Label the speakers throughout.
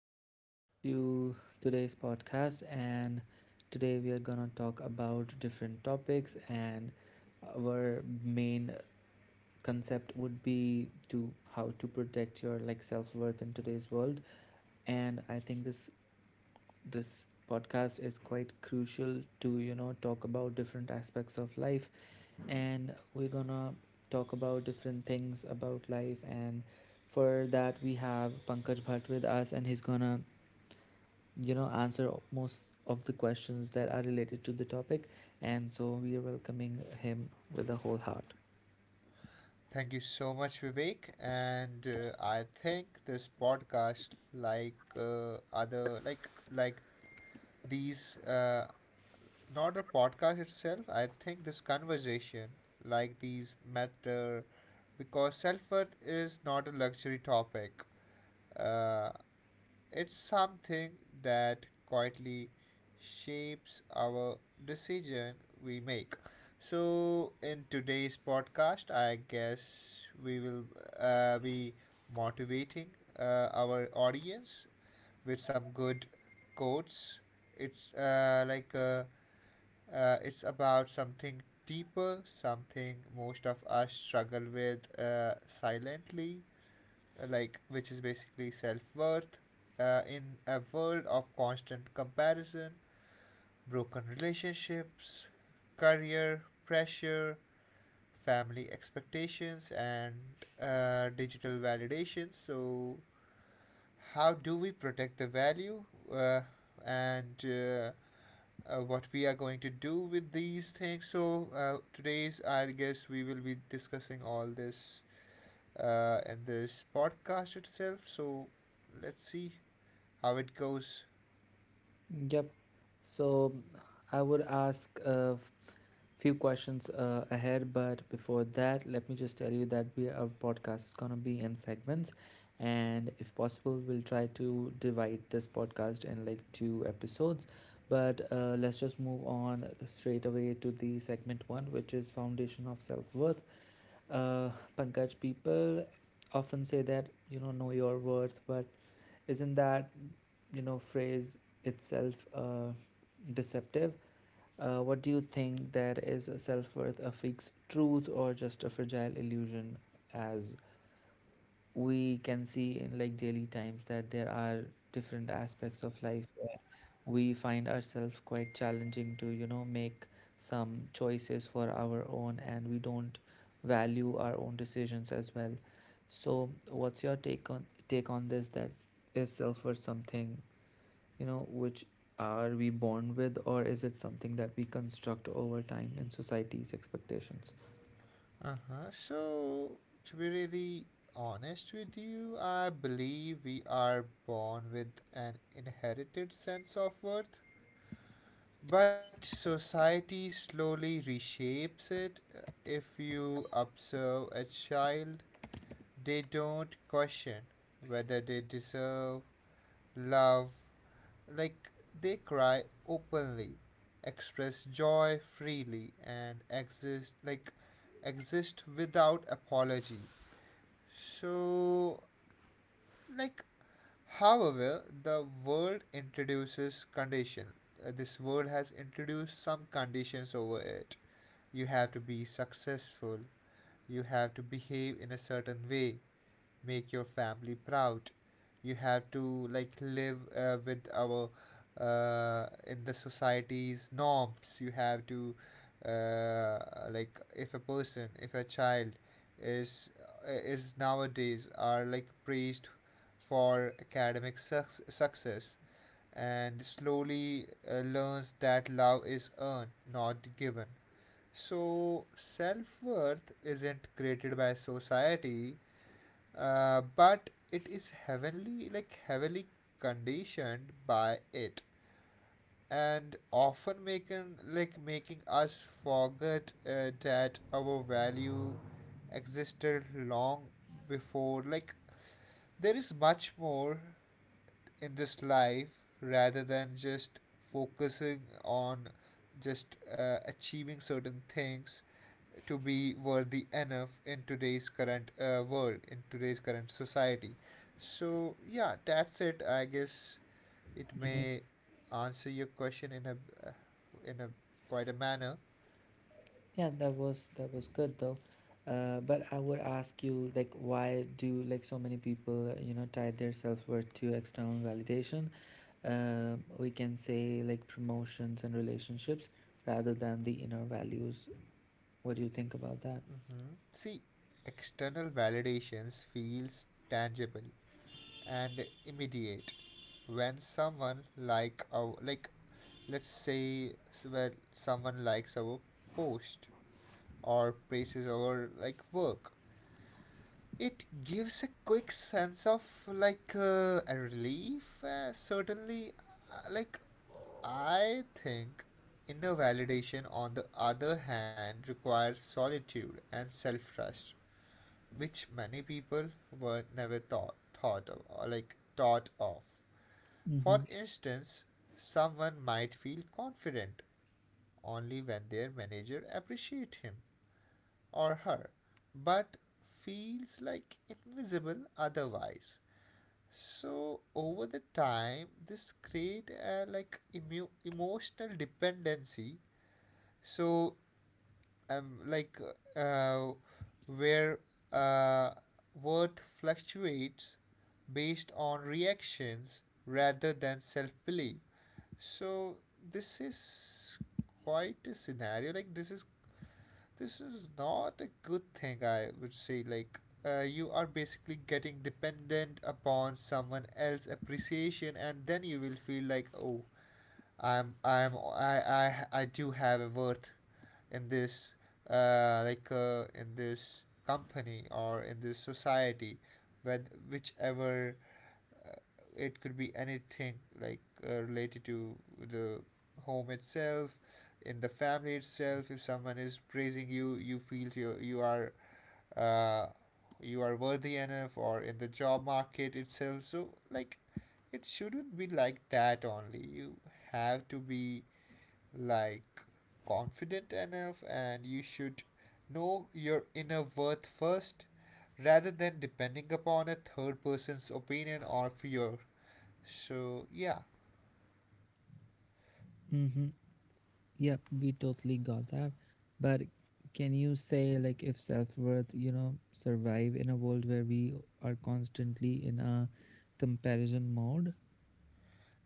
Speaker 1: and welcome to today's podcast. And today we are going to talk about different topics. And our main concept would be to how to protect your like self worth in today's world. And I think this podcast is quite crucial to talk about different aspects of life. And we're gonna talk about different things about life. And for that we have Pankaj Bhatt with us, and he's gonna answer most of the questions that are related to the topic, and so we are welcoming him with a whole heart.
Speaker 2: Thank you so much, Vivek. And I think this podcast, like other, like these, not the podcast itself. I think this conversation, like these, matter because self worth is not a luxury topic. Uh, it's something that quietly shapes our decision we make. So, in today's podcast, I guess we will be motivating our audience with some good quotes. It's uh, like uh, it's about something deeper, something most of us struggle with silently, like which is basically self-worth in a world of constant comparison, broken relationships, career pressure, family expectations, and digital validation. So, how do we protect the value uh, and what we are going to do with these things? So, today's, I guess, we will be discussing all this in this podcast itself. So, let's see how it goes.
Speaker 1: Yep. So I would ask a few questions ahead, but before that let me just tell you that we our podcast is going to be in segments, and if possible we'll try to divide this podcast in like two episodes. But let's just move on straight away to the segment one, which is foundation of self-worth. Uh, Pankaj, people often say that, know your worth, but isn't that, phrase itself deceptive? What do you think, there is a self worth, a fixed truth, or just a fragile illusion? As we can see in like daily times, that there are different aspects of life where we find ourselves quite challenging to make some choices for our own, and we don't value our own decisions as well. So what's your take on this, that is self worth something which are we born with, or is it something that we construct over time in society's expectations?
Speaker 2: Uh huh. So, to be really honest with you, I believe we are born with an inherited sense of worth, but society slowly reshapes it. If you observe a child, they don't question whether they deserve love. Like they cry openly, express joy freely, and exist without apology. So, like, however, the world introduces condition. This world has introduced some conditions over it. You have to be successful. You have to behave in a certain way, make your family proud. You have to like live with our in the society's norms. You have to uh, like if a child is is nowadays are like praised for success and slowly learns that love is earned, not given. So, self worth isn't created by society, but it is heavily conditioned by it, and often making us forget that our value existed long before. Like there is much more in this life rather than just focusing on just achieving certain things to be worthy enough in today's current world, in today's current society. So, yeah, that's it. I guess it may answer your question in uh, a quite a manner.
Speaker 1: Yeah, that was good though. But I would ask you, like, why do like so many people, tie their self-worth to external validation? We can say like promotions and relationships rather than the inner values. What do you think about that?
Speaker 2: See, external validations feels tangible and immediate when someone like our like let's say, s- where someone likes our post or praises our work. It gives a quick sense of a relief, certainly. Like, I think inner validation, on the other hand, requires solitude and self trust, which many people were never thought ofthought of. For
Speaker 1: Mm-hmm.
Speaker 2: instance, someone might feel confident only when their manager appreciate him or her, but feels like invisible otherwise. So over the time, this create a emotional dependency. So like uh, where uh, worth fluctuates based on reactions rather than self belief. So this is quite a scenario. Like this is not a good thing, I would say. Like, you are basically getting dependent upon someone else's appreciation, and then you will feel like, oh, I do have a worth in this, in this company or in this society, with whichever uh, it could be anything like related to the home itself, in the family itself. If someone is praising you, you feel uh, you are worthy enough, or in the job market itself. So like it shouldn't be like that. Only you have to be like confident enough and you should know your inner worth first rather than depending upon a third person's opinion or fear. So, yeah.
Speaker 1: Mm-hmm. Yep, we totally got that. But can you say like if self-worth, survive in a world where we are constantly in a comparison mode?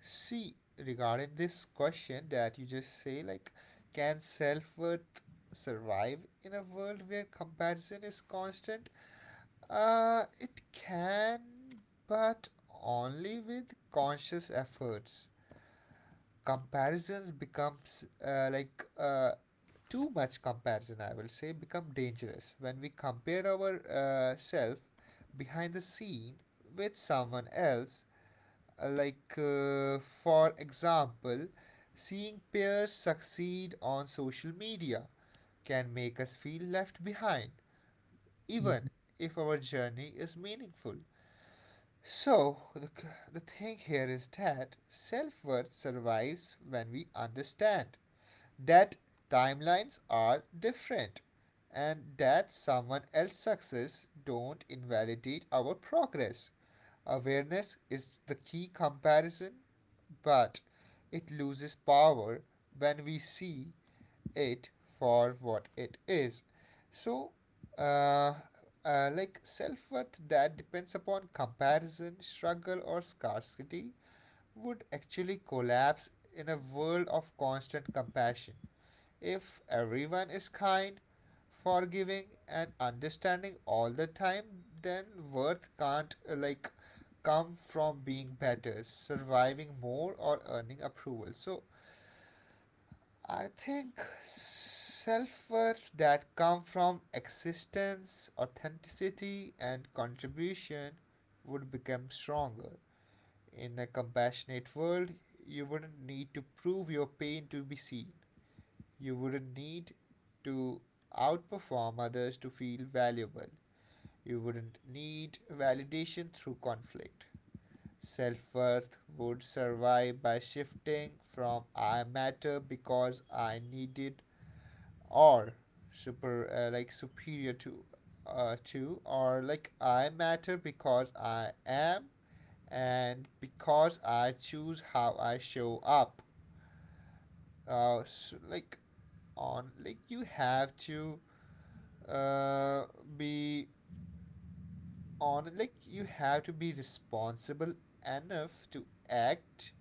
Speaker 2: See, regarding this question that you just say, like, can self-worth survive in a world where comparison is constant? It can, but only with conscious efforts. Comparisons becomes too much comparison, I will say, become dangerous when we compare our self behind the scene with someone else. For example, seeing peers succeed on social media can make us feel left behind, even if our journey is meaningful. So, the thing here is that self worth survives when we understand that timelines are different and that someone else's success don't invalidate our progress. Awareness is the key comparison, but it loses power when we see it for what it is. So, uh, self worth that depends upon comparison, struggle, or scarcity would actually collapse in a world of constant compassion. If everyone is kind, forgiving, and understanding all the time, then worth can't come from being better, surviving more, or earning approval. So I think self-worth that come from existence, authenticity, and contribution would become stronger. In a compassionate world, you wouldn't need to prove your pain to be seen. You wouldn't need to outperform others to feel valuable. You wouldn't need validation through conflict. Self worth would survive by shifting from I matter because I need it, or superior to, to or like I matter because I am and because I choose how I show up. S like on like You have to uh, be on like you have to be responsible enough to act,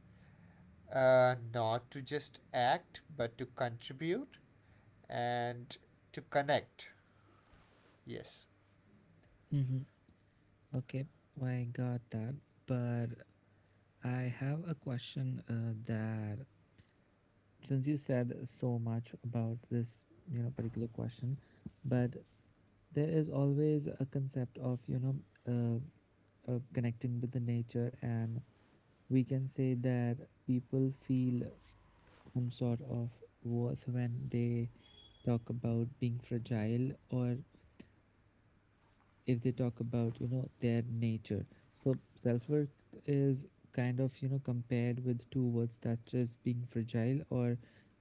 Speaker 2: not to just act but to contribute and to connect. Yes.
Speaker 1: Mm-hmm. Okay, I got that. But I have a question that, since you said so much about this, particular question, but there is always a concept of, connecting with the nature. And we can say that people feel some sort of worth when they talk about being fragile, or if they talk about their nature. So self-worth is kind of compared with two words, that is being fragile or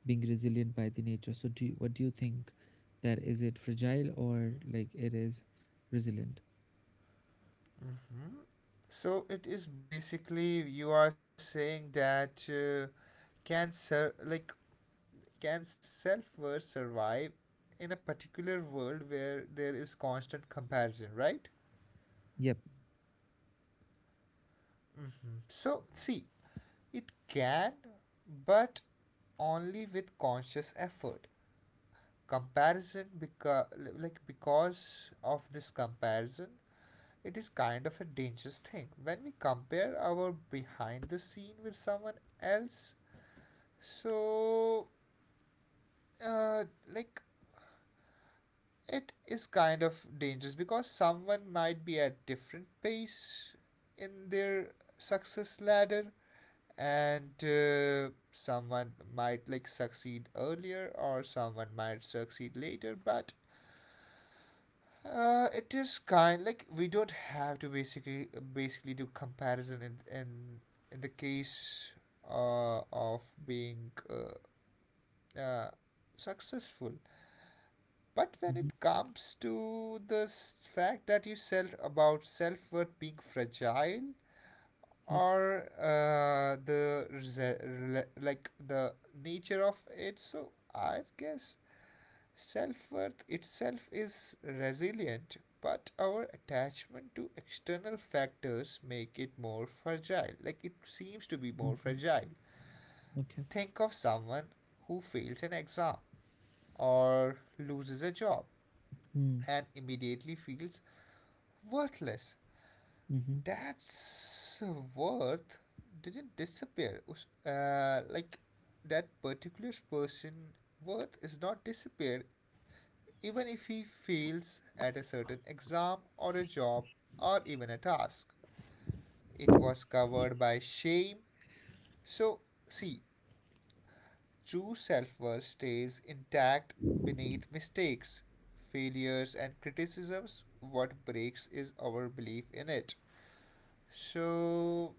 Speaker 1: being resilient by the nature. So what do you think, that is it fragile, or like it is resilient?
Speaker 2: So it is basically you are saying that can ser- like can self-worth survive in a particular world where there is constant comparison, right?
Speaker 1: Yep.
Speaker 2: So see, it can, but only with conscious effort. Comparison, because of this comparison, it is kind of a dangerous thing. When we compare our behind the scene with someone else, so uh, like it is kind of dangerous because someone might be at different pace in their success ladder, and someone might like succeed earlier or someone might succeed later. But it is kind like we don't have to basically do comparison in the case of being uh, successful. But when
Speaker 1: Hmm.
Speaker 2: it comes to the fact that you said about self-worth being fragile,
Speaker 1: Yep.
Speaker 2: or the rese- rela- like the nature of it. So I guess self-worth itself is resilient, but our attachment to external factors make it more fragile. Like it seems to be more
Speaker 1: Hmm.
Speaker 2: fragile.
Speaker 1: Okay.
Speaker 2: Think of someone who fails an exam or loses a job
Speaker 1: Hmm.
Speaker 2: and immediately feels worthless.
Speaker 1: Hmm.
Speaker 2: That's worth didn't disappear. That particular person worth is not disappeared even if he fails at a certain exam or a job or even a task. It was covered by shame. So see, true self-worth stays intact beneath mistakes, failures and criticisms. What breaks is our belief in it. So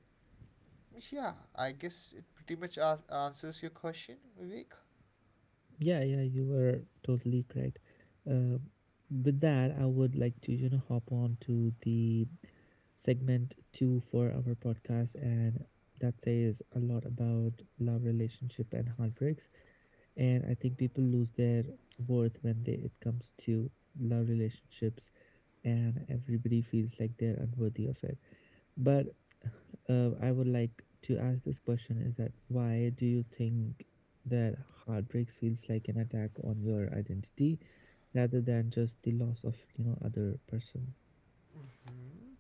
Speaker 2: yeah, I guess it pretty much answers your question, Vivek.
Speaker 1: Yeah, yeah, you were totally correct. Uh, with that, I would like to, hop on to the segment two for our podcast, and that says a lot about love, relationship, and heartbreaks. And I think people lose their worth when they it comes to love relationships, and everybody feels like they're unworthy of it. But I would like to ask this question, is that why do you think that heartbreaks feels like an attack on your identity rather than just the loss of other person?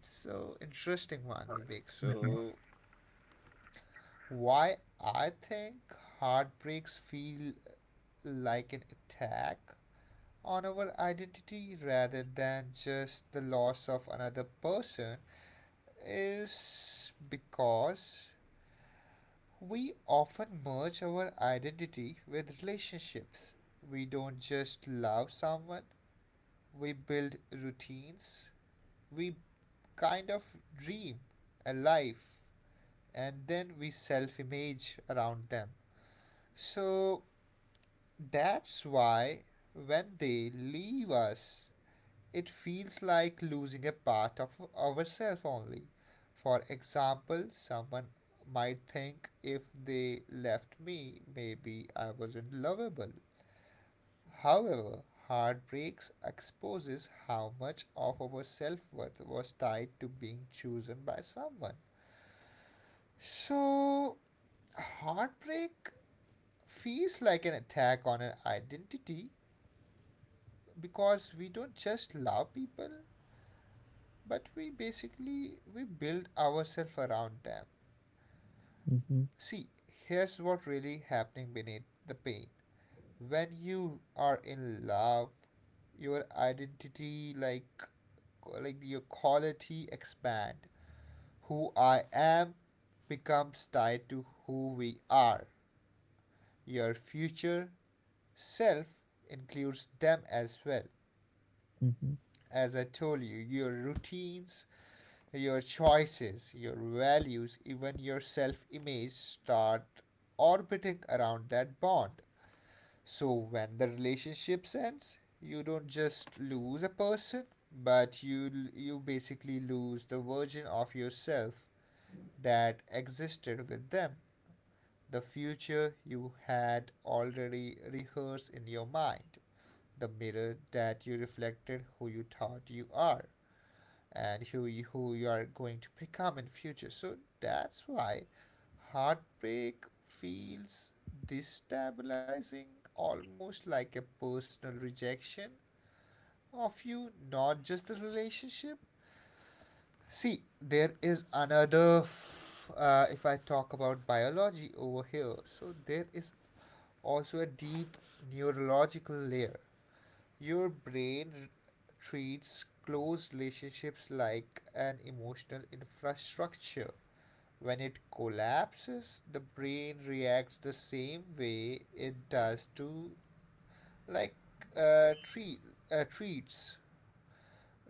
Speaker 2: So, interesting one, Vivek. So, why I think heartbreaks feel like an attack on our identity rather than just the loss of another person is because we often merge our identity with relationships. We don't just love someone, we build routines, we kind of dream a life and then we self image around them. So that's why when they leave us, it feels like losing a part of ourselves only. For example, someone might think if they left me, maybe I wasn't lovable. However, heartbreaks exposes how much of our self-worth was tied to being chosen by someone. So, heartbreak feels like an attack on an identity because we don't just love people, but we build ourselves around them.
Speaker 1: Mm-hmm.
Speaker 2: See, here's what really happening beneath the pain. When you are in love, your identity your quality expand. Who I am becomes tied to who we are. Your future self includes them as well.
Speaker 1: Mm-hmm.
Speaker 2: As I told you, your routines, your choices, your values, even your self image start orbiting around that bond. So when the relationship ends, you don't just lose a person, but you basically lose the version of yourself that existed with them. The future you had already rehearsed in your mind, the mirror that you reflected who you thought you are, and who you are going to become in future. So that's why heartbreak feels destabilizing, almost like a personal rejection of you, not just the relationship. See, there is if I talk about biology over here, so there is also a deep neurological layer. Your brain treats close relationships like an emotional infrastructure. When it collapses, the brain reacts the same way it does to, like, uh, treat treats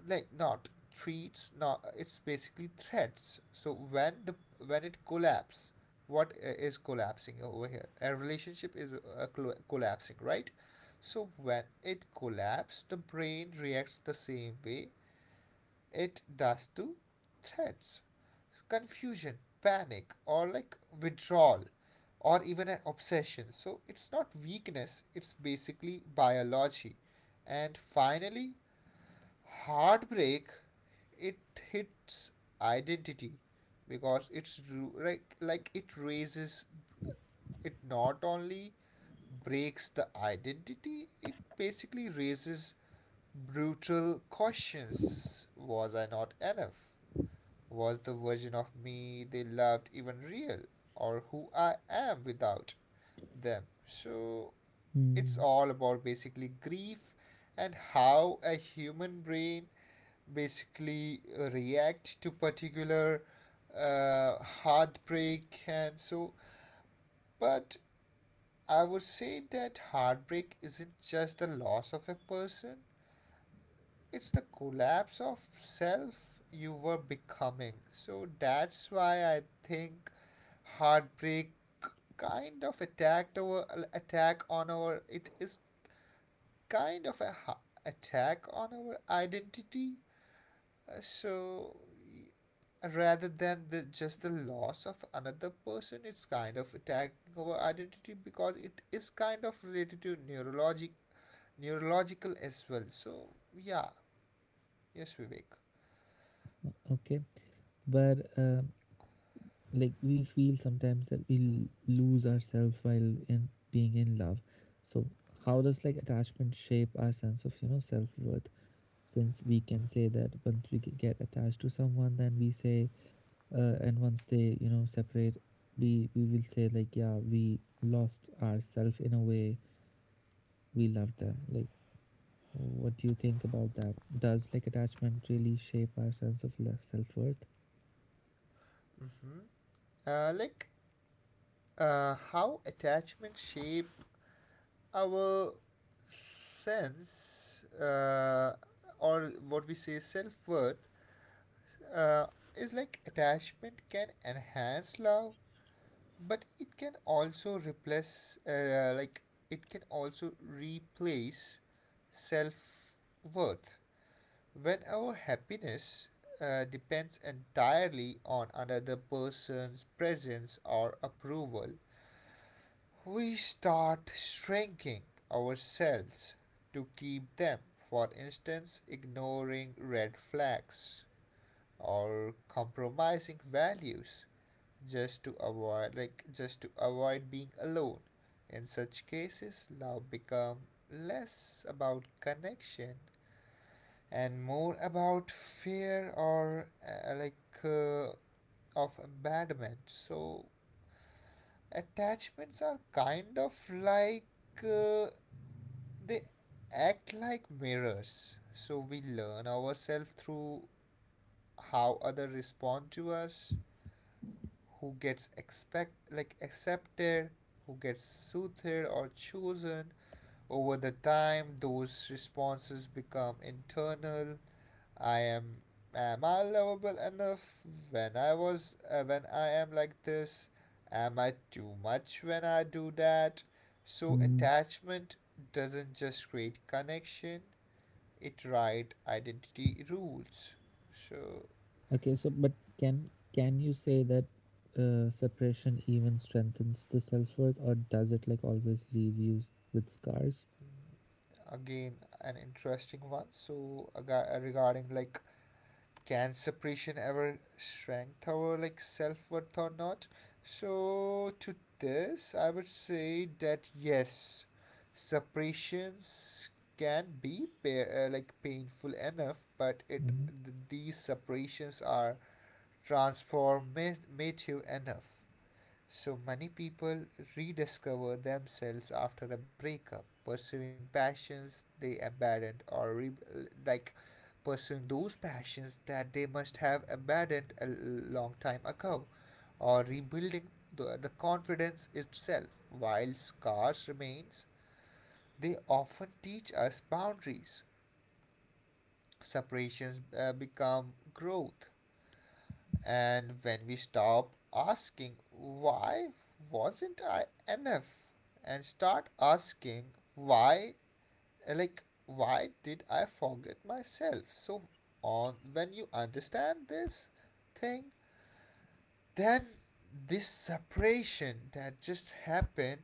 Speaker 2: like. Not treats, not, it's basically threads. So when the when it collapses, what is collapsing over here? A relationship is collapsing, right? So when it collapses, the brain reacts the same way it does to threats, confusion, panic, or like withdrawal, or even an obsession. So it's not weakness, it's basically biology. And finally, heartbreak, it hits identity because like it raises, it not only breaks the identity, it basically raises brutal questions. Was I not enough? Was the version of me they loved even real? Or who I am without them? So it's
Speaker 1: Mm-hmm.
Speaker 2: all about basically grief and how a human brain basically react to particular uh, heartbreak. And so, but I would say that heartbreak isn't just the loss of a person, it's the collapse of self you were becoming. So that's why I think heartbreak kind of attacked our attack on our it is kind of a attack on our identity. So rather than just the loss of another person, it's kind of attacking our identity because it is kind of related to neurological as well. So yeah. Yes, Vivek.
Speaker 1: Okay, but like we feel sometimes that we lose ourselves while in being in love. So how does like attachment shape our sense of self worth? Since we can say that once we get attached to someone, then we say, and once they separate, we will say like, yeah, we lost ourselves in a way we love them. Like, what do you think about that? Does like attachment really shape our sense of self-worth?
Speaker 2: Hmm. Like, how attachment shape our sense, or what we say self-worth, uh, is, like, attachment can enhance love, but it can also replace, it can also replace self worth. When our happiness depends entirely on another person's presence or approval, we start shrinking ourselves to keep them. For instance, ignoring red flags or compromising values just to avoid, like just to avoid being alone. In such cases, love become less about connection and more about fear, or uh, of abandonment. So attachments are kind of like, uh, they act like mirrors. So we learn ourselves through how others respond to us, who gets expect like accepted, who gets soothed or chosen. Over the time those responses become internal. I am I lovable enough when I was when I am like this, am I too much when I do that. So
Speaker 1: Mm.
Speaker 2: attachment doesn't just create connection, it writes identity rules. So
Speaker 1: Okay, so but can you say that, separation even strengthens the self-worth, or does it like always leave you with scars?
Speaker 2: again, an interesting one. So regarding, like, can separation ever strengthen our, like, self-worth or not? So to this I would say that yes, separations can be painful enough, but
Speaker 1: Mm.
Speaker 2: these separations are transformative enough. So many people rediscover themselves after a breakup, pursuing passions they abandoned, or re- like pursuing those passions that they must have abandoned a long time ago, or rebuilding the confidence itself. While scars remains, they often teach us boundaries. Separations become growth. And when we stop asking, why wasn't I enough, and start asking, why, like, why did I forget myself? So, on, when you understand this thing, then this separation that just happened,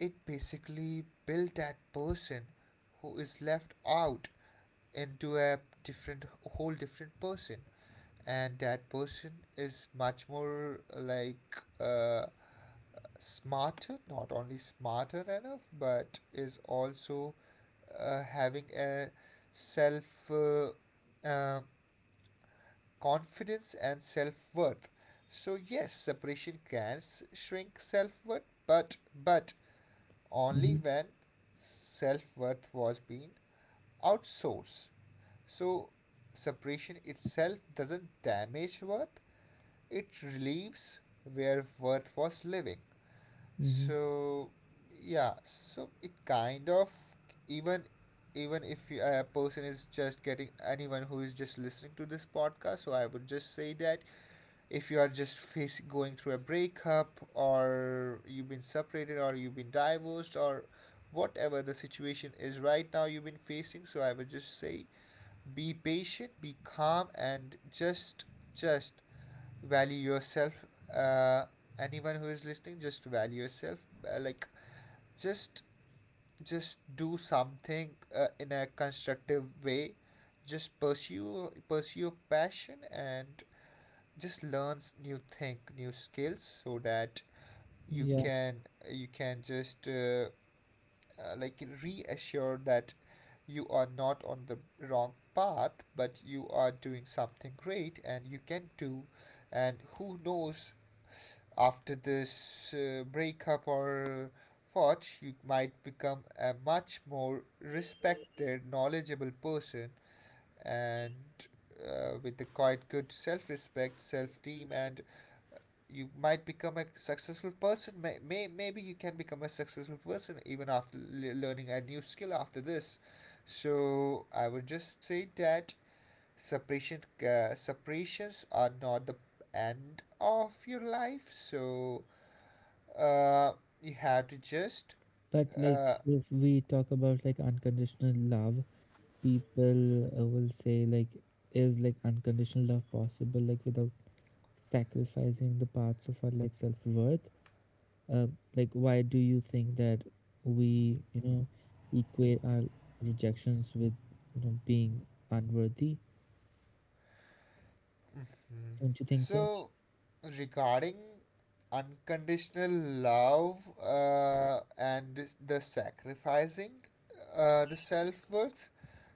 Speaker 2: it basically built that person who is left out into a different, whole different person. And that person is much more like, uh, smarter, not only smarter enough, but is also having a self uh, confidence and self worth. So yes, separation can shrink self worth, but only when self worth was being outsourced. So separation itself doesn't damage worth, it relieves where worth was living.
Speaker 1: Mm-hmm.
Speaker 2: So yeah, so it kind of, even, even if a person is just getting, anyone who is just listening to this podcast, so I would just say that if you are just facing, going through a breakup, or you've been separated, or you've been divorced, or whatever the situation is right now you've been facing, so I would just say be patient, be calm, and just value yourself. uh, anyone who is listening, just value yourself. uh, like just just do something in a constructive way. Just pursue your passion, and just learn new thing, new skills, so that you
Speaker 1: Yeah.
Speaker 2: can, you can just reassure that you are not on the wrong path, but you are doing something great and you can do. And who knows, after this breakup or thought, you might become a much more respected, knowledgeable person, and with a quite good self respect, self esteem, and you might become a successful person. May, maybe you can become a successful person even after learning a new skill after this. So, I would just say that separation, separations are not the end of your life. So uh, you have to just,
Speaker 1: But like
Speaker 2: uh.
Speaker 1: if we talk about like unconditional love, people will say like, is like unconditional love possible, like without sacrificing the parts of our like self-worth? uh, like, why do you think that we equate our rejections with being unworthy? Don't you think so?
Speaker 2: So regarding unconditional love, and the sacrificing the self-worth,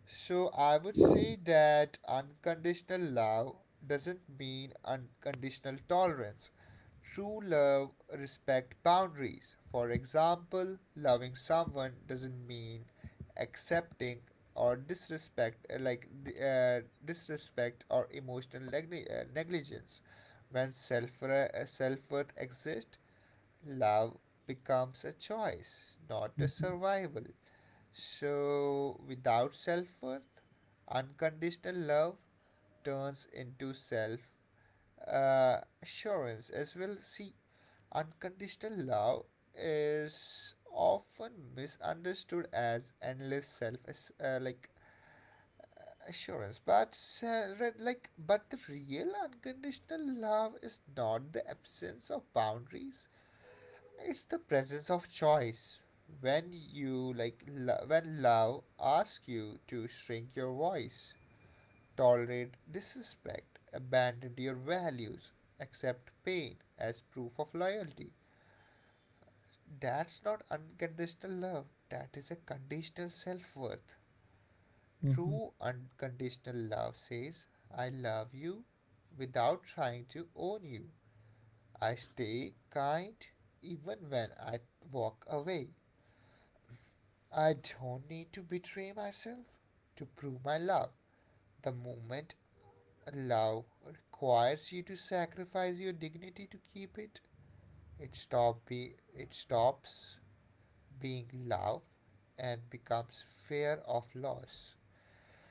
Speaker 2: so I would say that unconditional love doesn't mean unconditional tolerance. True love respect boundaries. For example, loving someone doesn't mean accepting or disrespect, uh, disrespect or emotional negligence. When self-worth exists, love becomes a choice, not a survival. So without self-worth, unconditional love turns into self assurance as well. See, unconditional love is often misunderstood as endless self, as assurance, but the real unconditional love is not the absence of boundaries, it's the presence of choice. When you, when love asks you to shrink your voice, tolerate disrespect, abandon your values, accept pain as proof of loyalty, that's not unconditional love, that is a conditional self worth.
Speaker 1: Mm-hmm,
Speaker 2: True unconditional love says, I love you without trying to own you. I stay kind even when I walk away. I don't need to betray myself to prove my love. The moment love requires you to sacrifice your dignity to keep it, It stop be it stops being love and becomes fear of loss.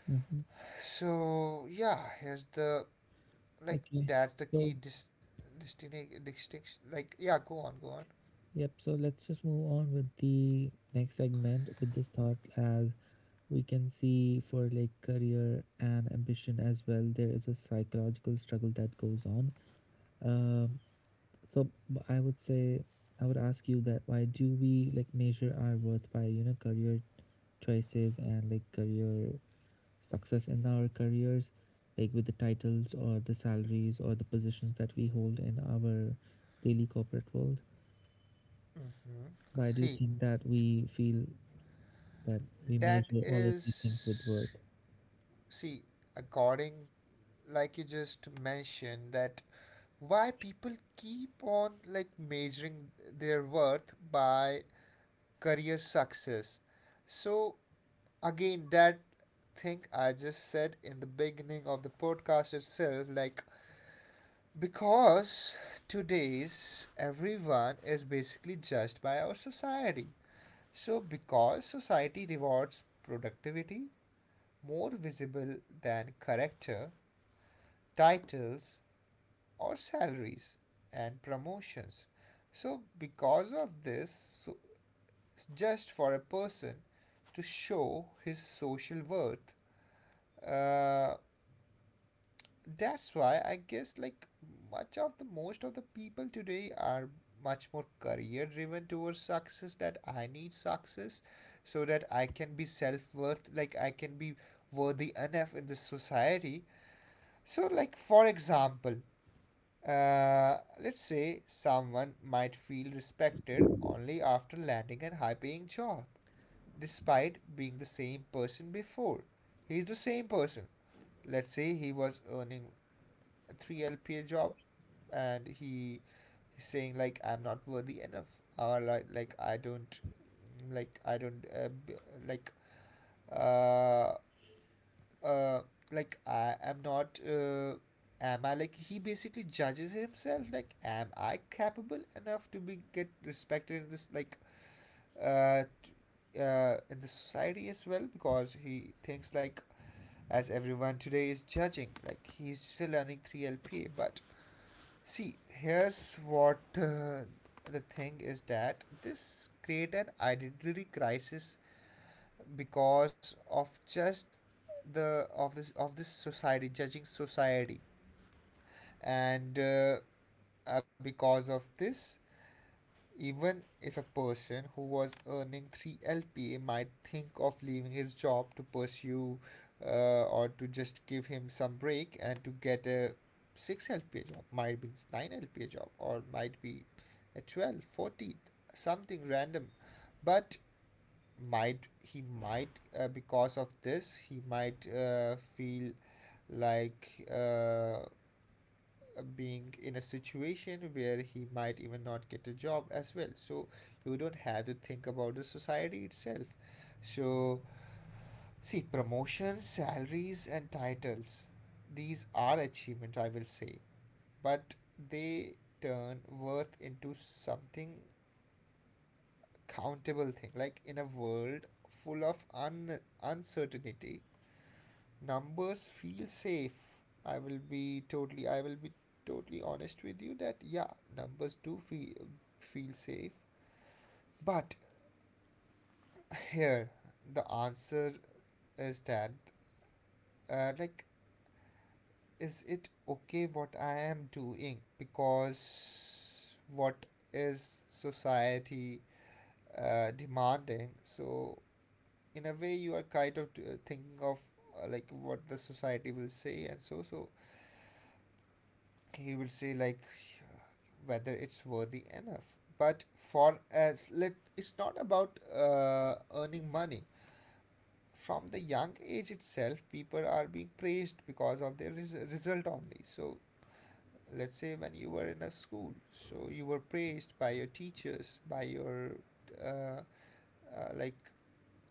Speaker 1: mm-hmm.
Speaker 2: So yeah, here's the, like,
Speaker 1: Okay.
Speaker 2: that's the key
Speaker 1: So
Speaker 2: distinction. Like, yeah, go on, go on.
Speaker 1: yep, so let's just move on with the next segment with this thought. As we can see for like career and ambition as well, there is a psychological struggle that goes on. um, so I would say I would ask you that, why do we like measure our worth by career choices and like career success in our careers, like with the titles or the salaries or the positions that we hold in our daily corporate world?
Speaker 2: Hmm.
Speaker 1: Why do you
Speaker 2: See,
Speaker 1: think that we feel that we
Speaker 2: that
Speaker 1: measure all of these things with
Speaker 2: is,
Speaker 1: worth?
Speaker 2: see, according, like you just mentioned that why people keep on, like, measuring their worth by career success. So again, that thing I just said in the beginning of the podcast itself, like, because today's everyone is basically judged by our society. So because society rewards productivity more visible than character, titles, or salaries and promotions. So, because of this, so just for a person to show his social worth, uh, that's why I guess, like, much of the most of the people today are much more career driven towards success, that I need success so that I can be self worth, like I can be worthy enough in this society. So, like, for example, let's say someone might feel respected only after landing a high paying job, despite being the same person before. He's the same person. Let's say he was earning 3 LPA job, and he, he's saying like, I'm not worthy enough, or like, like I don't like uh, uh I am not, am I like he basically judges himself, like, am I capable enough to be get respected in this, like, uh t- in the society as well, because he thinks, like, as everyone today is judging, like he's still learning 3 LPA. But see, here's what, the thing is that this create an identity crisis because of just the of this society, judging society. And because of this, even if a person who was earning 3 LPA might think of leaving his job to pursue, or to just give him some break, and to get a 6 LPA job, might be 9 LPA job, or might be a 12, 14, something random. But might, he might, because of this he might, feel like, being in a situation where he might even not get a job as well. So you don't have to think about the society itself. So see, promotions, salaries, and titles, these are achievements, I will say. But they turn worth into something countable thing. Like, in a world full of uncertainty, numbers feel safe. I will be totally, I will be totally honest with you that yeah, numbers do feel safe. But here, the answer is that, uh, like is it okay what I am doing, because what is society demanding? So in a way, you are kind of thinking of, what the society will say. And so, so he will say like, whether it's worthy enough. But for as let, it's not about earning money. From the young age itself, people are being praised because of their result only. So let's say when you were in a school, so you were praised by your teachers, by your uh, uh, like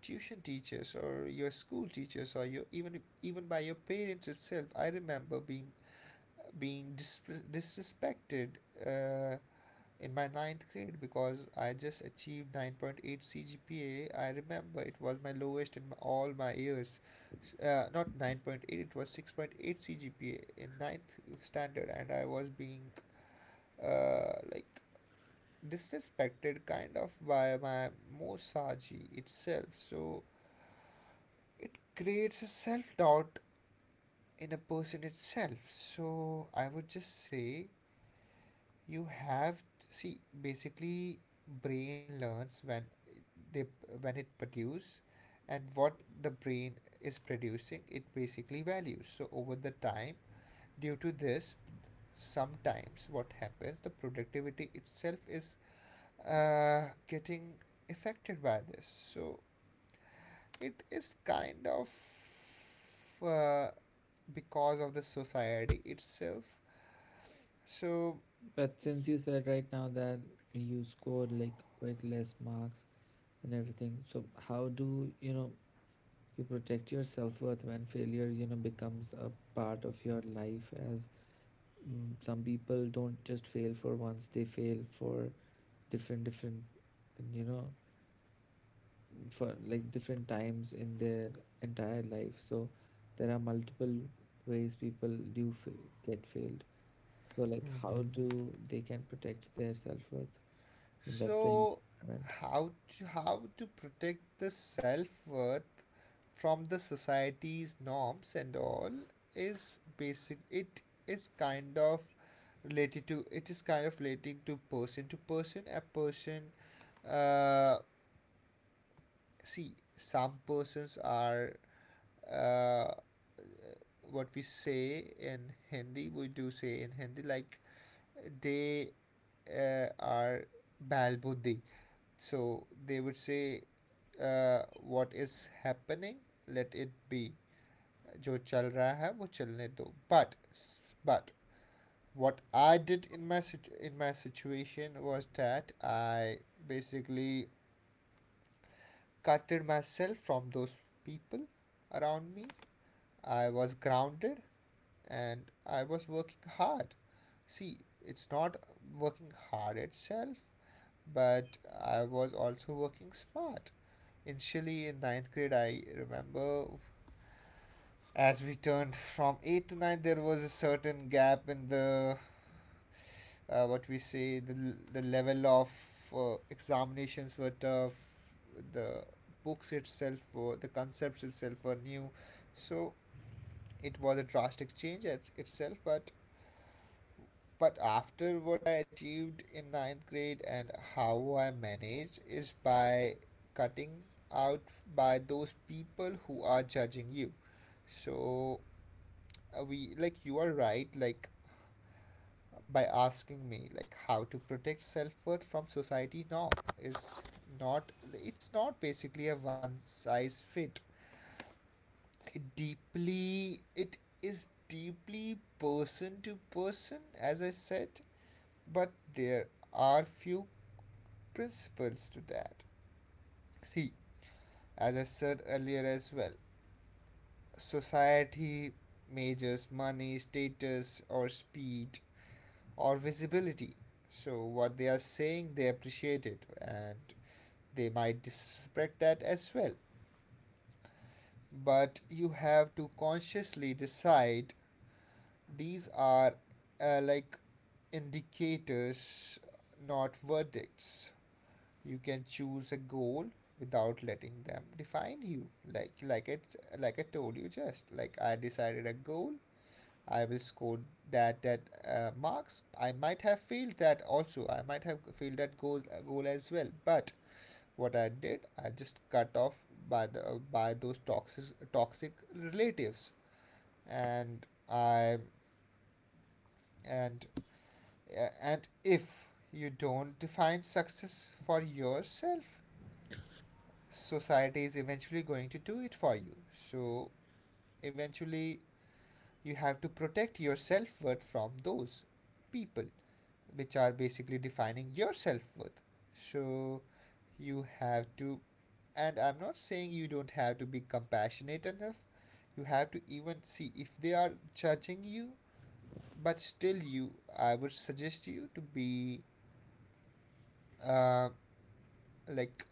Speaker 2: tuition teachers, or your school teachers, or your, even, even by your parents itself. I remember being dis- disrespected Uh, in my ninth grade because I just achieved 9.8 CGPA. I remember it was my lowest in my, all my years. Not 9.8, it was 6.8 CGPA in ninth standard, and I was being, uh, like disrespected kind of by my Mosaji itself. So it creates a self doubt in a person itself. So I would just say you have to see, basically brain learns when they, when it produce, and what the brain is producing, it basically values. So over the time, due to this, sometimes what happens, the productivity itself is getting affected by this. So it is kind of uh, because of the society itself. So
Speaker 1: But
Speaker 2: yeah.
Speaker 1: since you said right now that you scored like quite less marks and everything, so how do you protect your self worth when failure, becomes a part of your life? As, some people don't just fail for once; they fail for different, different, you know, for like different times in their entire life. So there are multiple ways people do fail, get failed. So like how
Speaker 2: Mhm.
Speaker 1: do they can protect their self-worth in that failure
Speaker 2: So
Speaker 1: environment?
Speaker 2: how how to protect the self-worth from the society's norms and all is basic. It is kind of relating to person to person. A person, uh, see, some persons are uh, what we say in Hindi, we do say in Hindi, like they are balbuddhi. So they would say, what is happening, let it be. जो चल रहा है वो चलने दो, but what I did in in my situation was that I basically cutted myself from those people around me. I was grounded and I was working hard. See, it's not working hard itself, but I was also working smart. Initially, in ninth grade, I remember as we turned from 8 to 9, there was a certain gap in the what we say the level of examinations were tough, the books itself or the concepts itself were new, so it was a drastic change itself, but after what I achieved in ninth grade and how I manage is by cutting out by those people who are judging you. So we, like, you are right, like, by asking me like how to protect self-worth from society. No, is not it's not basically a one size fit. It is deeply person to person, as I said, but there are few principles to that. See, as I said earlier as well, society measures money, status, or speed, or visibility. So, what they are saying, they appreciate it, and they might disrespect that as well. But you have to consciously decide. These are like, indicators, not verdicts. You can choose a goal without letting them define you. Like I told you, just like I decided a goal. I will score that marks. I might have failed that also. I might have failed that goal as well. But what I did, I just cut off by those toxic relatives, and I and and if you don't define success for yourself, society is eventually going to do it for you. So, eventually, you have to protect your self worth from those people, which are basically defining your self worth. So, you have to, and I'm not saying you don't have to be compassionate enough, you have to even see if they are judging you, but still, you I would suggest you to be uh, like,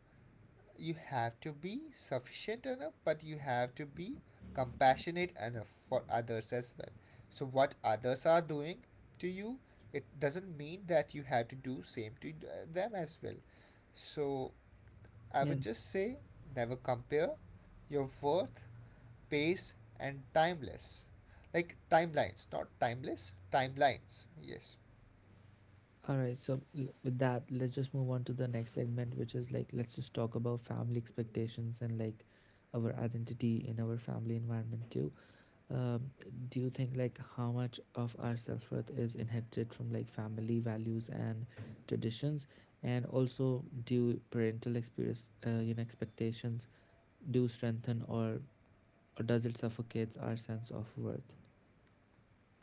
Speaker 2: you have to be sufficient enough, but you have to be compassionate enough for others as well. So what others are doing to you, it doesn't mean that you have to do same to them as well. So I
Speaker 1: Yeah.
Speaker 2: would just say never compare your worth, pace, and timeless. Like, timelines, not timeless, timelines. Yes.
Speaker 1: All right, so with that, let's just move on to the next segment, which is like let's just talk about family expectations and like our identity in our family environment too. Um, do you think like how much of our self worth is inherited from like family values and traditions, and also do parental experience, expectations do strengthen, or does it suffocates our sense of worth?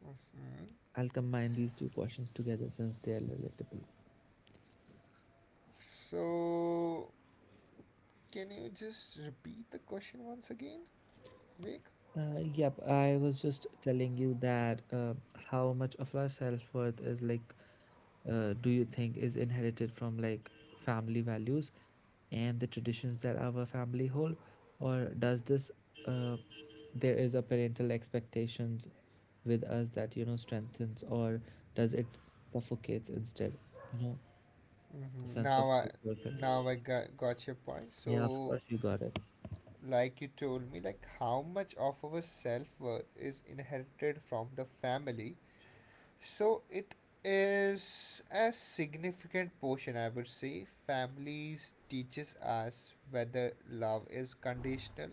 Speaker 2: Hmm.
Speaker 1: I'll combine these two questions together since they are relatable.
Speaker 2: So can you just repeat the question once again, Vic?
Speaker 1: Yep, I was just telling you that, how much of our self-worth is like, do you think, is inherited from like family values and the traditions that our family hold, or does this uh, there is a parental expectations with us that strengthens, or does it suffocates instead? You know, the
Speaker 2: Mhm.
Speaker 1: sense of
Speaker 2: Now
Speaker 1: self-worthiness.
Speaker 2: I got your point.
Speaker 1: Yeah, of
Speaker 2: So,
Speaker 1: course you got it.
Speaker 2: like you told me, like how much of our self worth is inherited from the family. So it is a significant portion, I would say. Families teaches us whether love is conditional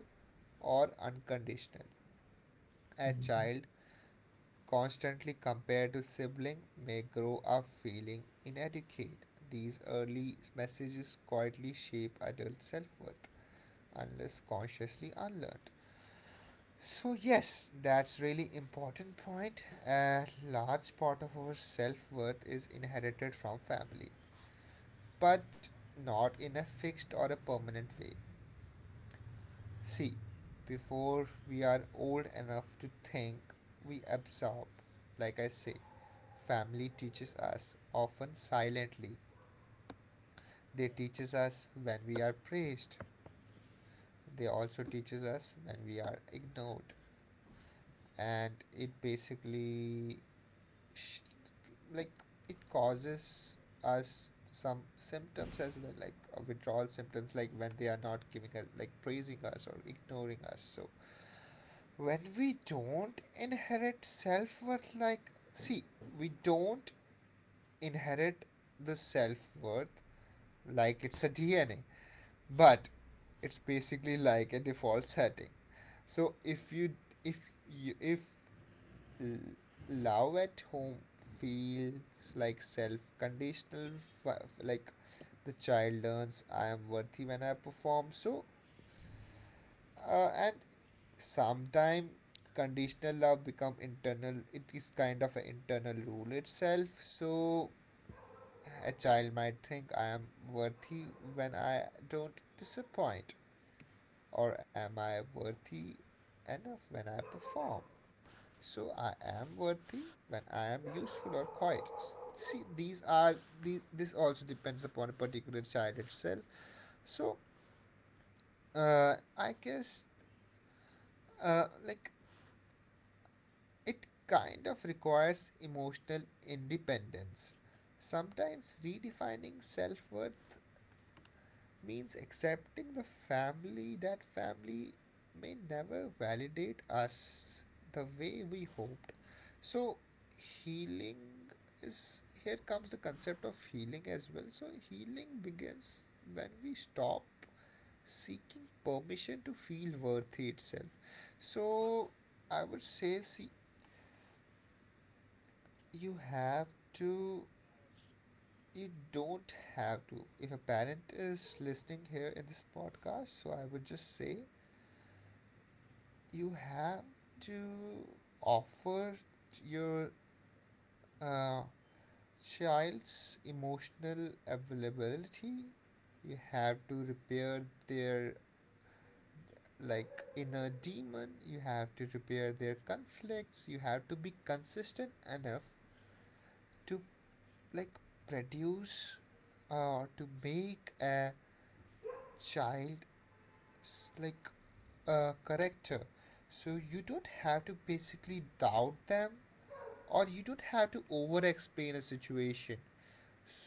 Speaker 2: or unconditional. A
Speaker 1: Mhm.
Speaker 2: child constantly compared to siblings may grow up feeling inadequate. These early messages quietly shape adult self worth unless consciously unlearned. So yes, that's really important point. A large part of our self-worth is inherited from family, but not in a fixed or a permanent way. See, before we are old enough to think, we absorb. Like I say, family teaches us, often silently. They teaches us when we are praised. They also teaches us when we are ignored. And it basically, sh- like, it causes us some symptoms as well, like withdrawal symptoms, like when they are not giving us, like praising us or ignoring us. So when we don't inherit self worth, like, see, we don't inherit the self worth, like it's a dna, but it's basically like a default setting. So if you, if love at home feels like self conditional, like the child learns I am worthy when I perform. So and sometimes conditional love become internal, it is kind of an internal rule itself. So a child might think I am worthy when I don't disappoint, or am I worthy enough when I perform. So I am worthy when I am useful or quiet. See, these are this also depends upon a particular child itself. So I guess like, it kind of requires emotional independence. Sometimes redefining self worth means accepting the family that family may never validate us the way we hoped. So, healing is here comes the concept of healing as well. So, healing begins when we stop seeking permission to feel worthy itself. So, I would say, see, you have to you don't have to, if a parent is listening here in this podcast, so I would just say you have to offer your uh, child's emotional availability. You have to repair their, like, inner demon, you have to repair their conflicts, you have to be consistent enough to, like, produce or to make a child, like, character. So you don't have to basically doubt them, or you don't have to over explain a situation.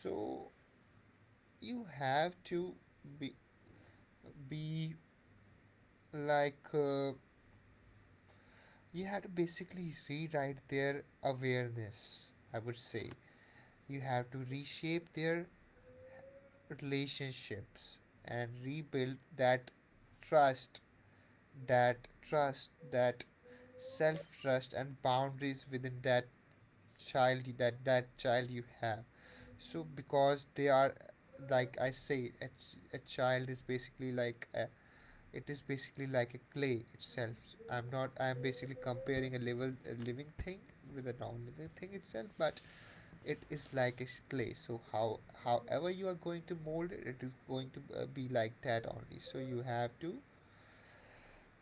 Speaker 2: So you have to be be like you have to basically rewrite their awareness, I would say, you have to reshape their relationships and rebuild that trust, that self trust, and boundaries within that that child you have. So because they are, like I say, a child is basically like it is basically like a clay itself. I'm not. I'm basically comparing a level a living thing with a non-living thing itself, but it is like a clay. So how, however you are going to mold it, it is going to be like that only. So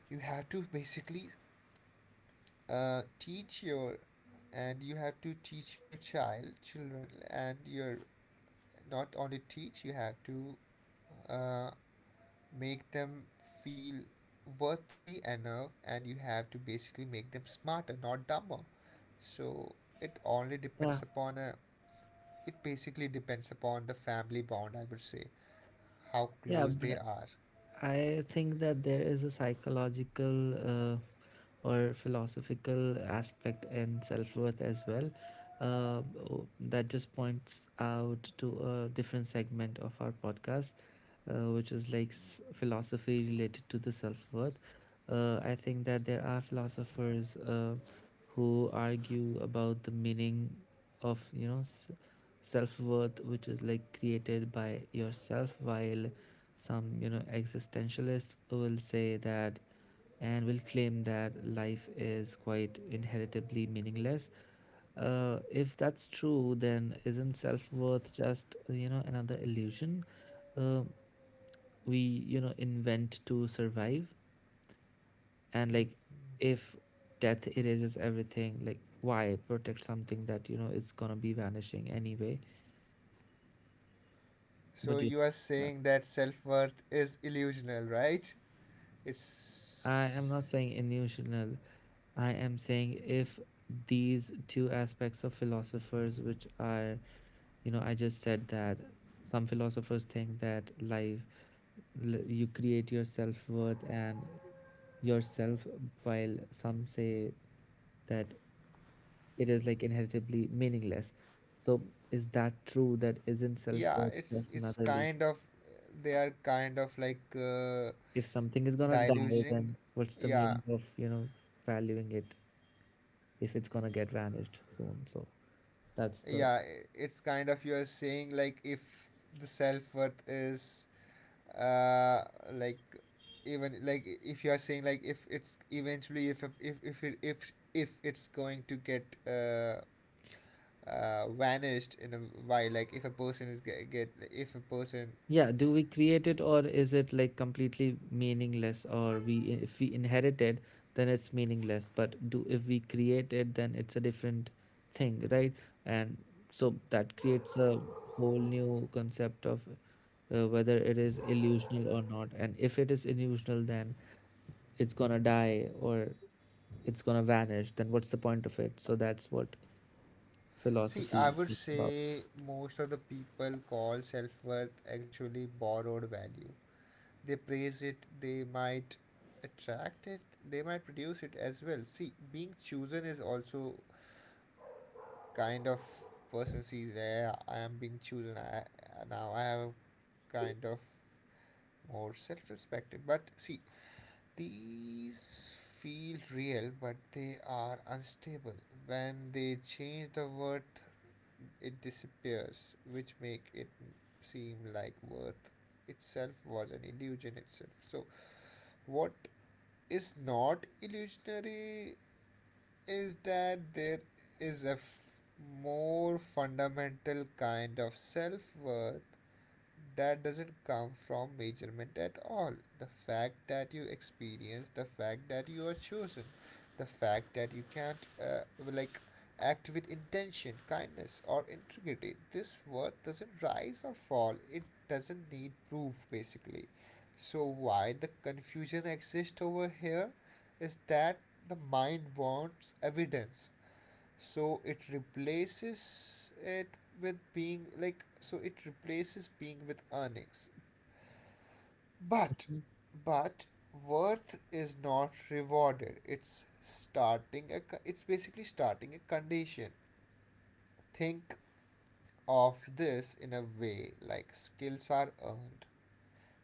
Speaker 2: you have to basically teach your and you have to teach your child, children, and you're not only teach, you have to uh, make them feel worthy enough, and you have to basically make them smarter, not dumber. So
Speaker 1: Yeah,
Speaker 2: it basically depends upon the family bond, I would say, how
Speaker 1: yeah,
Speaker 2: close they
Speaker 1: but
Speaker 2: are.
Speaker 1: I think that there is a psychological uh, or philosophical aspect in self worth as well. That just points out to a different segment of our podcast, which is like philosophy related to the self worth. I think that there are philosophers who argue about the meaning of self-worth, which is like created by yourself, while some existentialists will say that, and will claim that life is quite inheritably meaningless. If that's true, then isn't self-worth just another illusion uh, we invent to survive? And like if death erases everything, like why protect something that it's gonna be vanishing anyway?
Speaker 2: So
Speaker 1: What do you
Speaker 2: you are
Speaker 1: think?
Speaker 2: saying that self-worth is illusional, right?
Speaker 1: I
Speaker 2: it's
Speaker 1: am not saying illusional, I am saying, if these two aspects of philosophers, which are I just said that, some philosophers think that life, you create your self-worth and yourself, while some say that it is like inheritably meaningless. So is that true? That isn't self
Speaker 2: Yeah,
Speaker 1: worth
Speaker 2: it's
Speaker 1: just
Speaker 2: it's
Speaker 1: another illusion.
Speaker 2: kind of, they are kind of like,
Speaker 1: If something is gonna die,
Speaker 2: diluting.
Speaker 1: then what's the
Speaker 2: Yeah,
Speaker 1: meaning of valuing it if it's gonna get vanished soon? So that's the.
Speaker 2: yeah, I- it's kind of, you are saying like, if the self worth is uh like even, like, if you are saying like, if it's eventually, if it's going to get vanished in a while, like if a person is get if a person.
Speaker 1: Yeah, do we create it, or is it like completely meaningless, or we if we inherit it, then it's meaningless, but do if we create it then it's a different thing, right? And so that creates a whole new concept of, whether it is illusional or not, and if it is illusional then it's gonna die or it's gonna vanish, then what's the point of it? So that's what
Speaker 2: See, I
Speaker 1: philosophy
Speaker 2: would
Speaker 1: is about.
Speaker 2: say most of the people call self worth actually borrowed value. They praise it, they might attract it, they might produce it as well. See, being chosen is also kind of, person sees, yeah, I am being chosen. I now I have kind of more self-respected. But see, these feel real, but they are unstable. When they change the worth, it disappears, which make it seem like worth itself was an illusion itself. So what is not illusionary is that there is a more fundamental kind of self worth that doesn't come from measurement at all. The fact that you experience, the fact that you are chosen, the fact that you can't like, act with intention, kindness, or integrity. This worth doesn't rise or fall. It doesn't need proof, basically. So why the confusion exists over here is that the mind wants evidence, so it replaces it with being, like, so it replaces being with earnings. But but worth is not rewarded, it's basically starting a condition. Think of this in a way, like, skills are earned.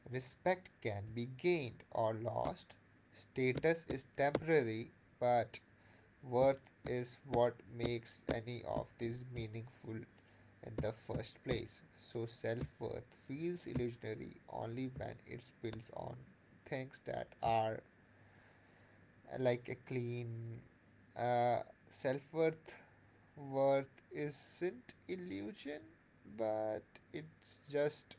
Speaker 2: Respect can be gained or lost, status is temporary, but worth is what makes any of these meaningful in the first place. So, self worth feels illusionary only when it builds on things that are like, a clean uh, self worth. Worth isn't illusion, but it's just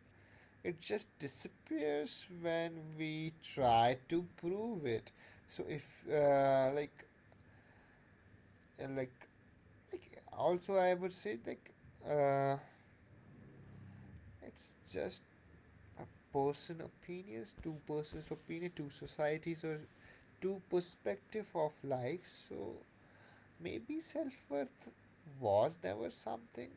Speaker 2: it just disappears when we try to prove it. So if uh, like also, I would say, like uh, it's just a person opinions, two persons opinion, two societies or two perspective of life. So maybe self worth was never something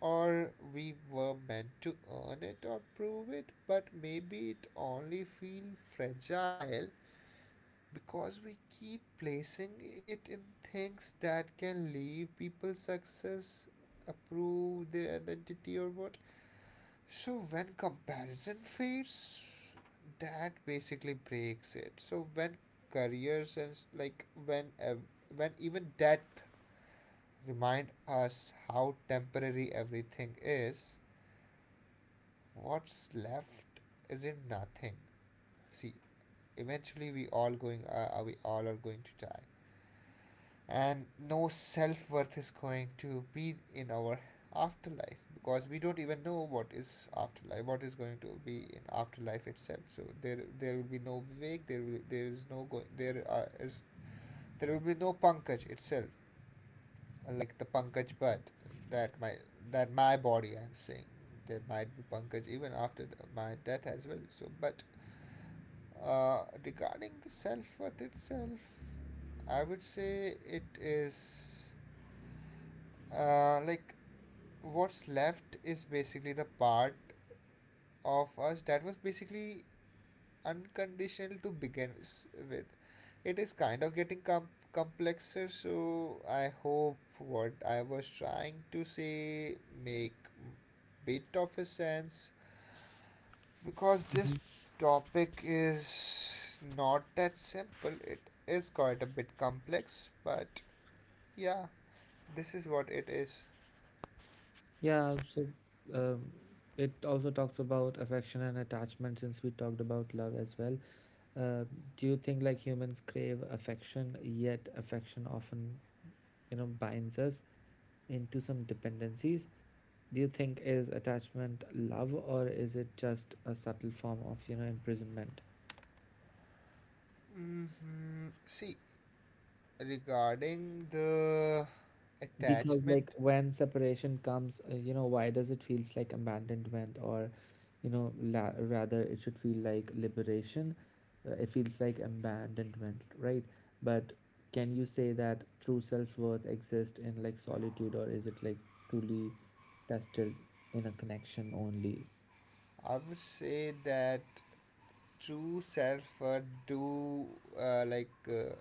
Speaker 2: or we were meant to earn it or prove it, but maybe it only feel fragile because we keep placing it in things that can leave people success approve their identity or what. So when comparison fades that basically breaks it. So when careers and like when even death remind us how temporary everything is, what's left isn't nothing. See, eventually we all going we all are going to die and no self worth is going to be in our afterlife, because we don't even know what is afterlife, what is going to be in afterlife itself. So there will be no Vivek, there is no going there are is there will be no Pankaj itself, like the Pankaj, but that my that my body I'm saying, there might be Pankaj even after my death as well. So but regarding the self worth itself, I would say it is uh, like what's left is basically the part of us that was basically unconditional to begin with. It is kind of getting complexer, so I hope what I was trying to say make bit of a sense, because this
Speaker 1: Mhm.
Speaker 2: topic is not that simple. It is quite a bit complex, but yeah, this is what it is.
Speaker 1: Yeah, so um, it also talks about affection and attachment, since we talked about love as well. Uh, do you think like humans crave affection, yet affection often, binds us into some dependencies? Do you think is attachment love, or is it just a subtle form of, imprisonment?
Speaker 2: Mm-hmm. See, regarding the
Speaker 1: Because
Speaker 2: attachment,
Speaker 1: like when separation comes, why does it feels like abandonment, or rather it should feel like liberation? It feels like abandonment, right? But can you say that true self-worth exists in like solitude, or is it like truly tested in a connection only?
Speaker 2: I would say that true self worth do uh, like uh,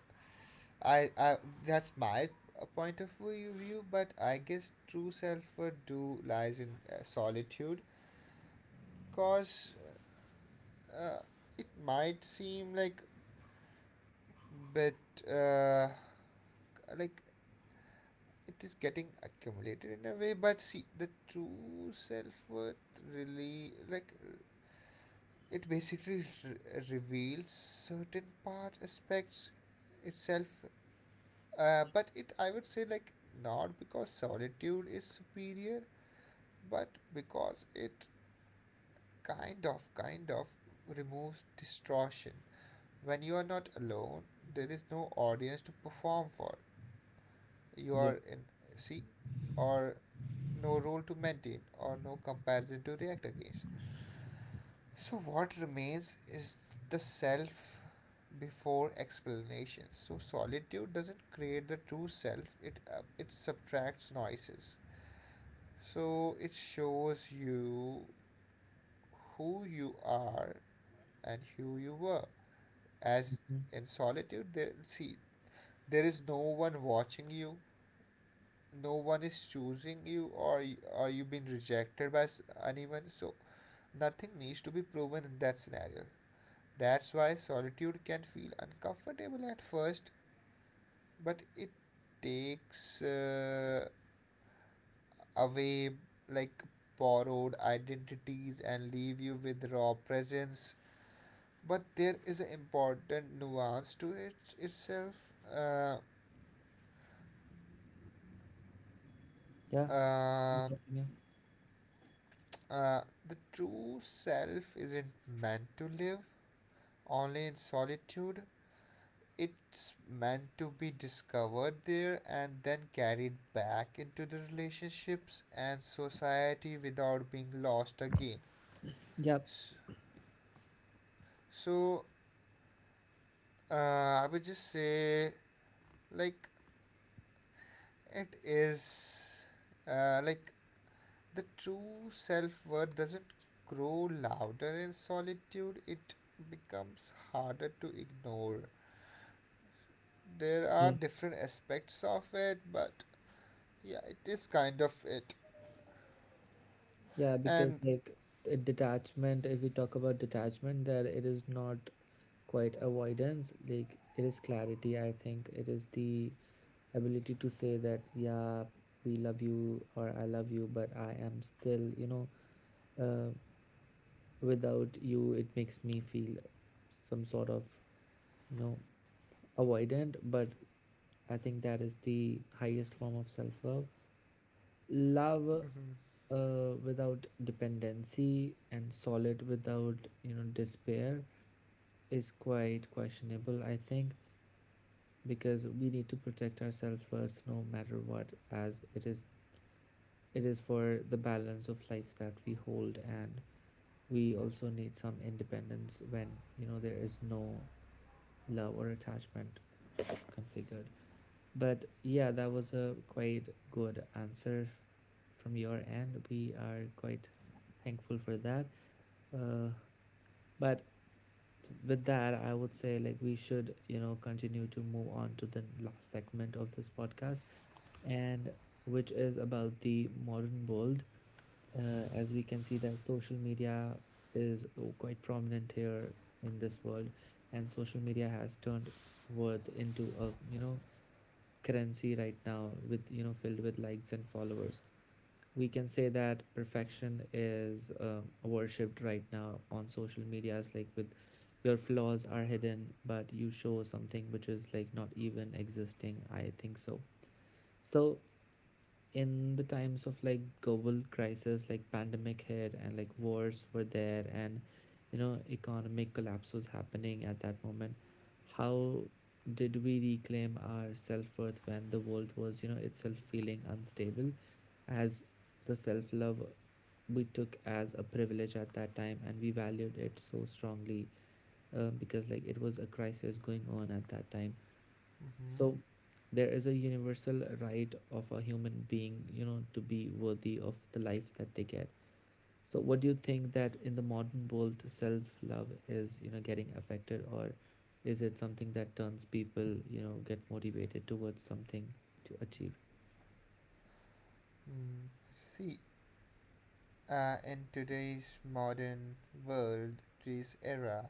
Speaker 2: I that's my point of view, but I guess true self worth do lies in solitude, cause uh, it might seem like bit uh, like it is getting accumulated in a way, but see the true self worth really like it basically reveals certain parts, aspects itself, but it I would say like not because solitude is superior, but because it kind of removes distortion. When you are not alone, there is no audience to perform for. You
Speaker 1: Yeah.
Speaker 2: are in, see, or no role to maintain, or no comparison to react against. So what remains is the self before explanation. So solitude doesn't create the true self, it, it subtracts noises. So it shows you who you are and who you were. As
Speaker 1: Mhm.
Speaker 2: in solitude, there, see, there is no one watching you, no one is choosing you, or or you've been rejected by anyone. So nothing needs to be proven in that scenario. That's why solitude can feel uncomfortable at first, but it takes away like borrowed identities and leave you with raw presence. But there is an important nuance to it itself. Uh,
Speaker 1: Yeah,
Speaker 2: uh,
Speaker 1: yeah.
Speaker 2: uh, the true self isn't meant to live only in solitude. It's meant to be discovered there and then carried back into the relationships and society without being lost again.
Speaker 1: Yeah.
Speaker 2: So, I would just say, like, it is uh, like the true self worth doesn't grow louder in solitude, it becomes harder to ignore. There are different aspects of it, but yeah, it is kind of it.
Speaker 1: Yeah, because
Speaker 2: And
Speaker 1: like a detachment, if we talk about detachment, that it is not quite avoidance, like it is clarity, I think. It is the ability to say that, yeah, we love you or I love you, but I am still, uh, without you, it makes me feel some sort of, you know, avoidant, but I think that is the highest form of self love love
Speaker 2: mhm.
Speaker 1: without dependency and solid without despair is quite questionable I think, because we need to protect our self-worth no matter what. As it is, it is for the balance of life that we hold, and we also need some independence when there is no love or attachment configured. But yeah, that was a quite good answer from your end. We are quite thankful for that. Uh, but with that, I would say like we should, continue to move on to the last segment of this podcast, and which is about the modern world. As we can see, that social media is quite prominent here in this world, and social media has turned worth into a currency right now, with filled with likes and followers. We can say that perfection is worshipped right now on social medias, like with your flaws are hidden but you show something which is like not even existing, I think. So so in the times of like global crisis, like pandemic hit and like wars were there, and you know economic collapse was happening at that moment, how did we reclaim our self-worth when the world was, you know, itself feeling unstable? As the self love, we took as a privilege at that time and we valued it so strongly, because like it was a crisis going on at that time.
Speaker 2: Mm-hmm.
Speaker 1: So there is a universal right of a human being, you know, to be worthy of the life that they get. So what do you think that in the modern world self love is, you know, getting affected, or is it something that turns people, you know, get motivated towards something to achieve?
Speaker 2: Mm. See, in today's modern world, this era,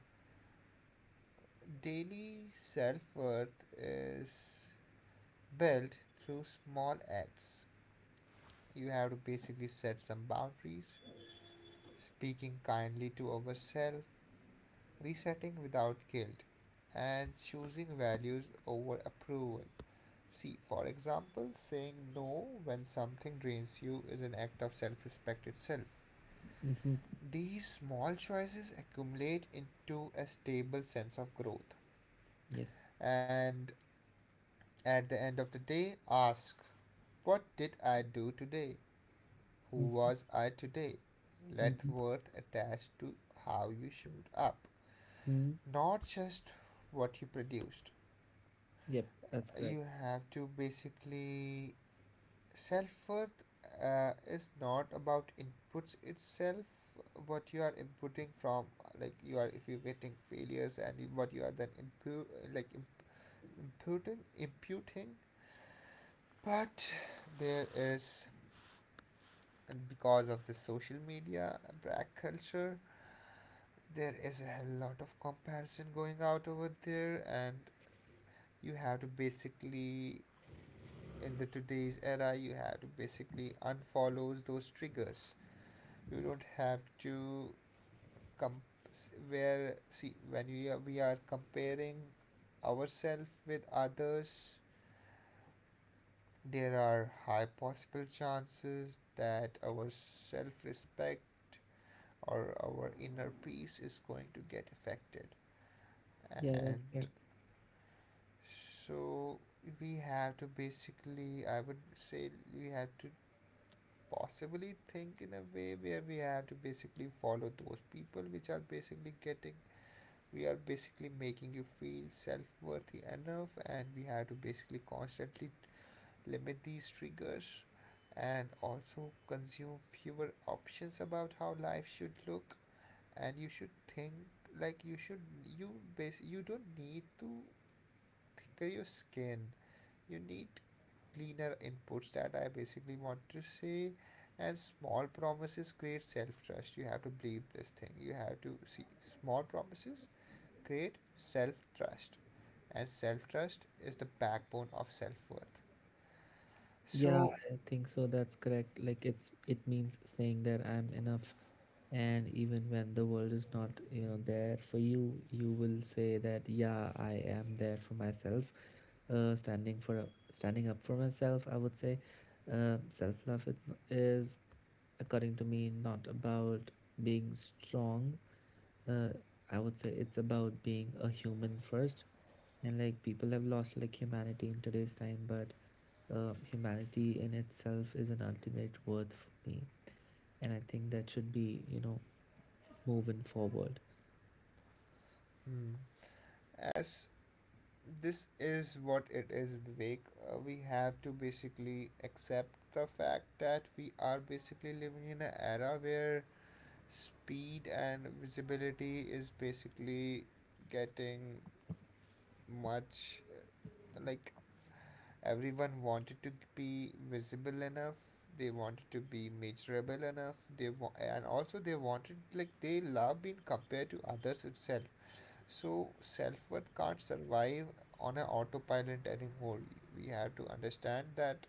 Speaker 2: daily self worth is built through small acts. You have to basically set some boundaries, speaking kindly to ourselves, resetting without guilt, and choosing values over approval. See, for example, saying no when something drains you is an act of self respect itself.
Speaker 1: Mm-hmm.
Speaker 2: These small choices accumulate into a stable sense of growth.
Speaker 1: Yes.
Speaker 2: And at the end of the day, ask what did I do today? Who
Speaker 1: Mm-hmm.
Speaker 2: was I today? Let
Speaker 1: Mm-hmm.
Speaker 2: worth attached to how you showed up, not just what you produced.
Speaker 1: Yep, that's
Speaker 2: You
Speaker 1: correct.
Speaker 2: have to basically self worth is not about inputs itself, what you are inputting from like you are if you're getting failures and what you are then like im- imputing, but there is, and because of the social media and black culture there is a hell lot of comparison going out over there, and you have to basically in the today's era you have to basically unfollow those triggers. You don't have to com- where see when we are comparing ourselves with others, there are high possible chances that our self-respect or our inner peace is going to get affected.
Speaker 1: Yeah, that's
Speaker 2: And
Speaker 1: correct.
Speaker 2: so we have to basically, I would say we have to possibly think in a way where we have to basically follow those people which are basically getting we are basically making you feel self-worthy enough, and we have to basically constantly limit these triggers and also consume fewer options about how life should look. And you should think, like you should you base you don't need to thicker your skin, you need cleaner inputs, that I basically want to say. And small promises create self-trust, you have to believe this thing, you have to see small promises create self trust, as self trust is the backbone of self worth.
Speaker 1: Yeah,
Speaker 2: So,
Speaker 1: I think so. That's correct. Like it means saying that I'm enough, and even when the world is not, you know, there for you, you will say that yeah, I am there for myself, standing up for myself. I would say, self love it is, according to me, not about being strong. Uh, I would say it's about being a human first, and like people have lost like humanity in today's time, but humanity in itself is an ultimate worth for me, and I think that should be, you know, moving forward.
Speaker 2: hmm, as this is what it is, Vivek, we have to basically accept the fact that we are basically living in an era where speed and visibility is basically getting much uh, like everyone wanted to be visible enough. They wanted to be measurable enough. They and also they wanted like they love being compared to others itself. So self worth can't survive on an autopilot anymore. We have to understand that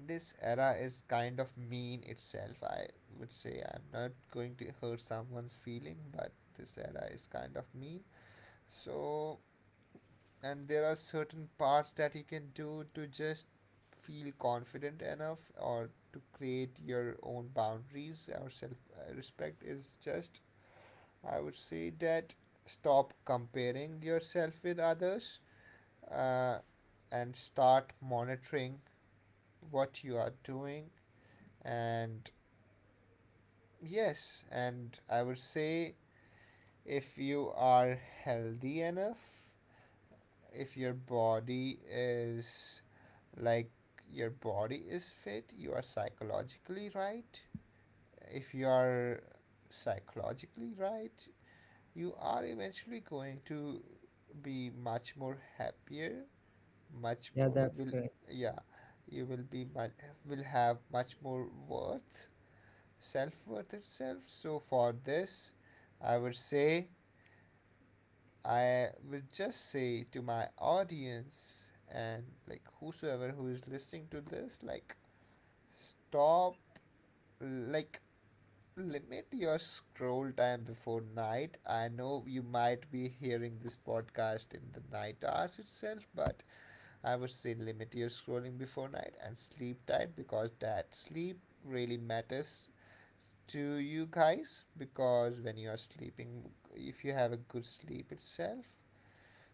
Speaker 2: this era is kind of mean itself. I would say I'm not going to hurt someone's feeling, but this era is kind of mean. So and there are certain parts that you can do to just feel confident enough or to create your own boundaries or self respect is just, I would say that stop comparing yourself with others, uh, and start monitoring what you are doing. And yes, and I would say if you are healthy enough, if your body is like your body is fit, you are psychologically right. If you are psychologically right, you are eventually going to be much more happier, much
Speaker 1: Yeah,
Speaker 2: more
Speaker 1: that's
Speaker 2: will
Speaker 1: correct.
Speaker 2: yeah, you will be much will have much more worth, self worth itself. So for this, I would say I would just say to my audience and like whosoever who is listening to this, like stop, like limit your scroll time before night. I know you might be hearing this podcast in the night hours itself, but I would say limit your scrolling before night and sleep tight, because that sleep really matters to you guys, because when you are sleeping if you have a good sleep itself,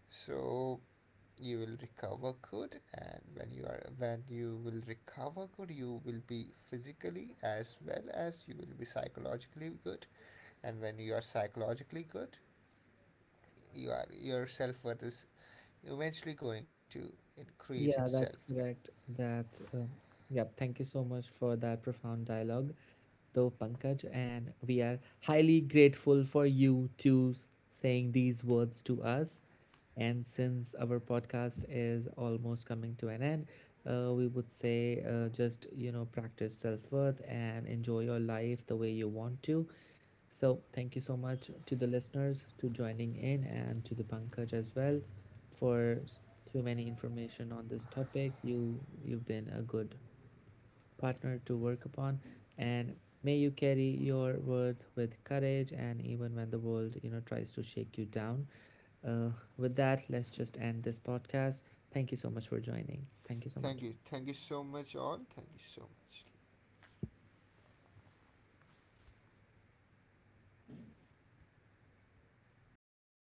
Speaker 2: so you will recover good, and when you are when you will recover good you will be physically as well as you will be psychologically good. And when you are psychologically good, you are your self-worth is eventually going to increase
Speaker 1: Yeah,
Speaker 2: itself.
Speaker 1: that's correct. That Yep, thank you so much for that profound dialogue, though Pankaj, and we are highly grateful for you to saying these words to us. And since our podcast is almost coming to an end, we would say just you know practice self-worth and enjoy your life the way you want to. So, thank you so much to the listeners to joining in, and to the Pankaj as well for too many information on this topic. You've been a good partner to work upon, and may you carry your worth with courage, and even when the world, you know, tries to shake you down. Uh, with that, let's just end this podcast. Thank you so much for joining. Thank you so
Speaker 2: Thank
Speaker 1: much.
Speaker 2: you, thank you so much all, thank you so much.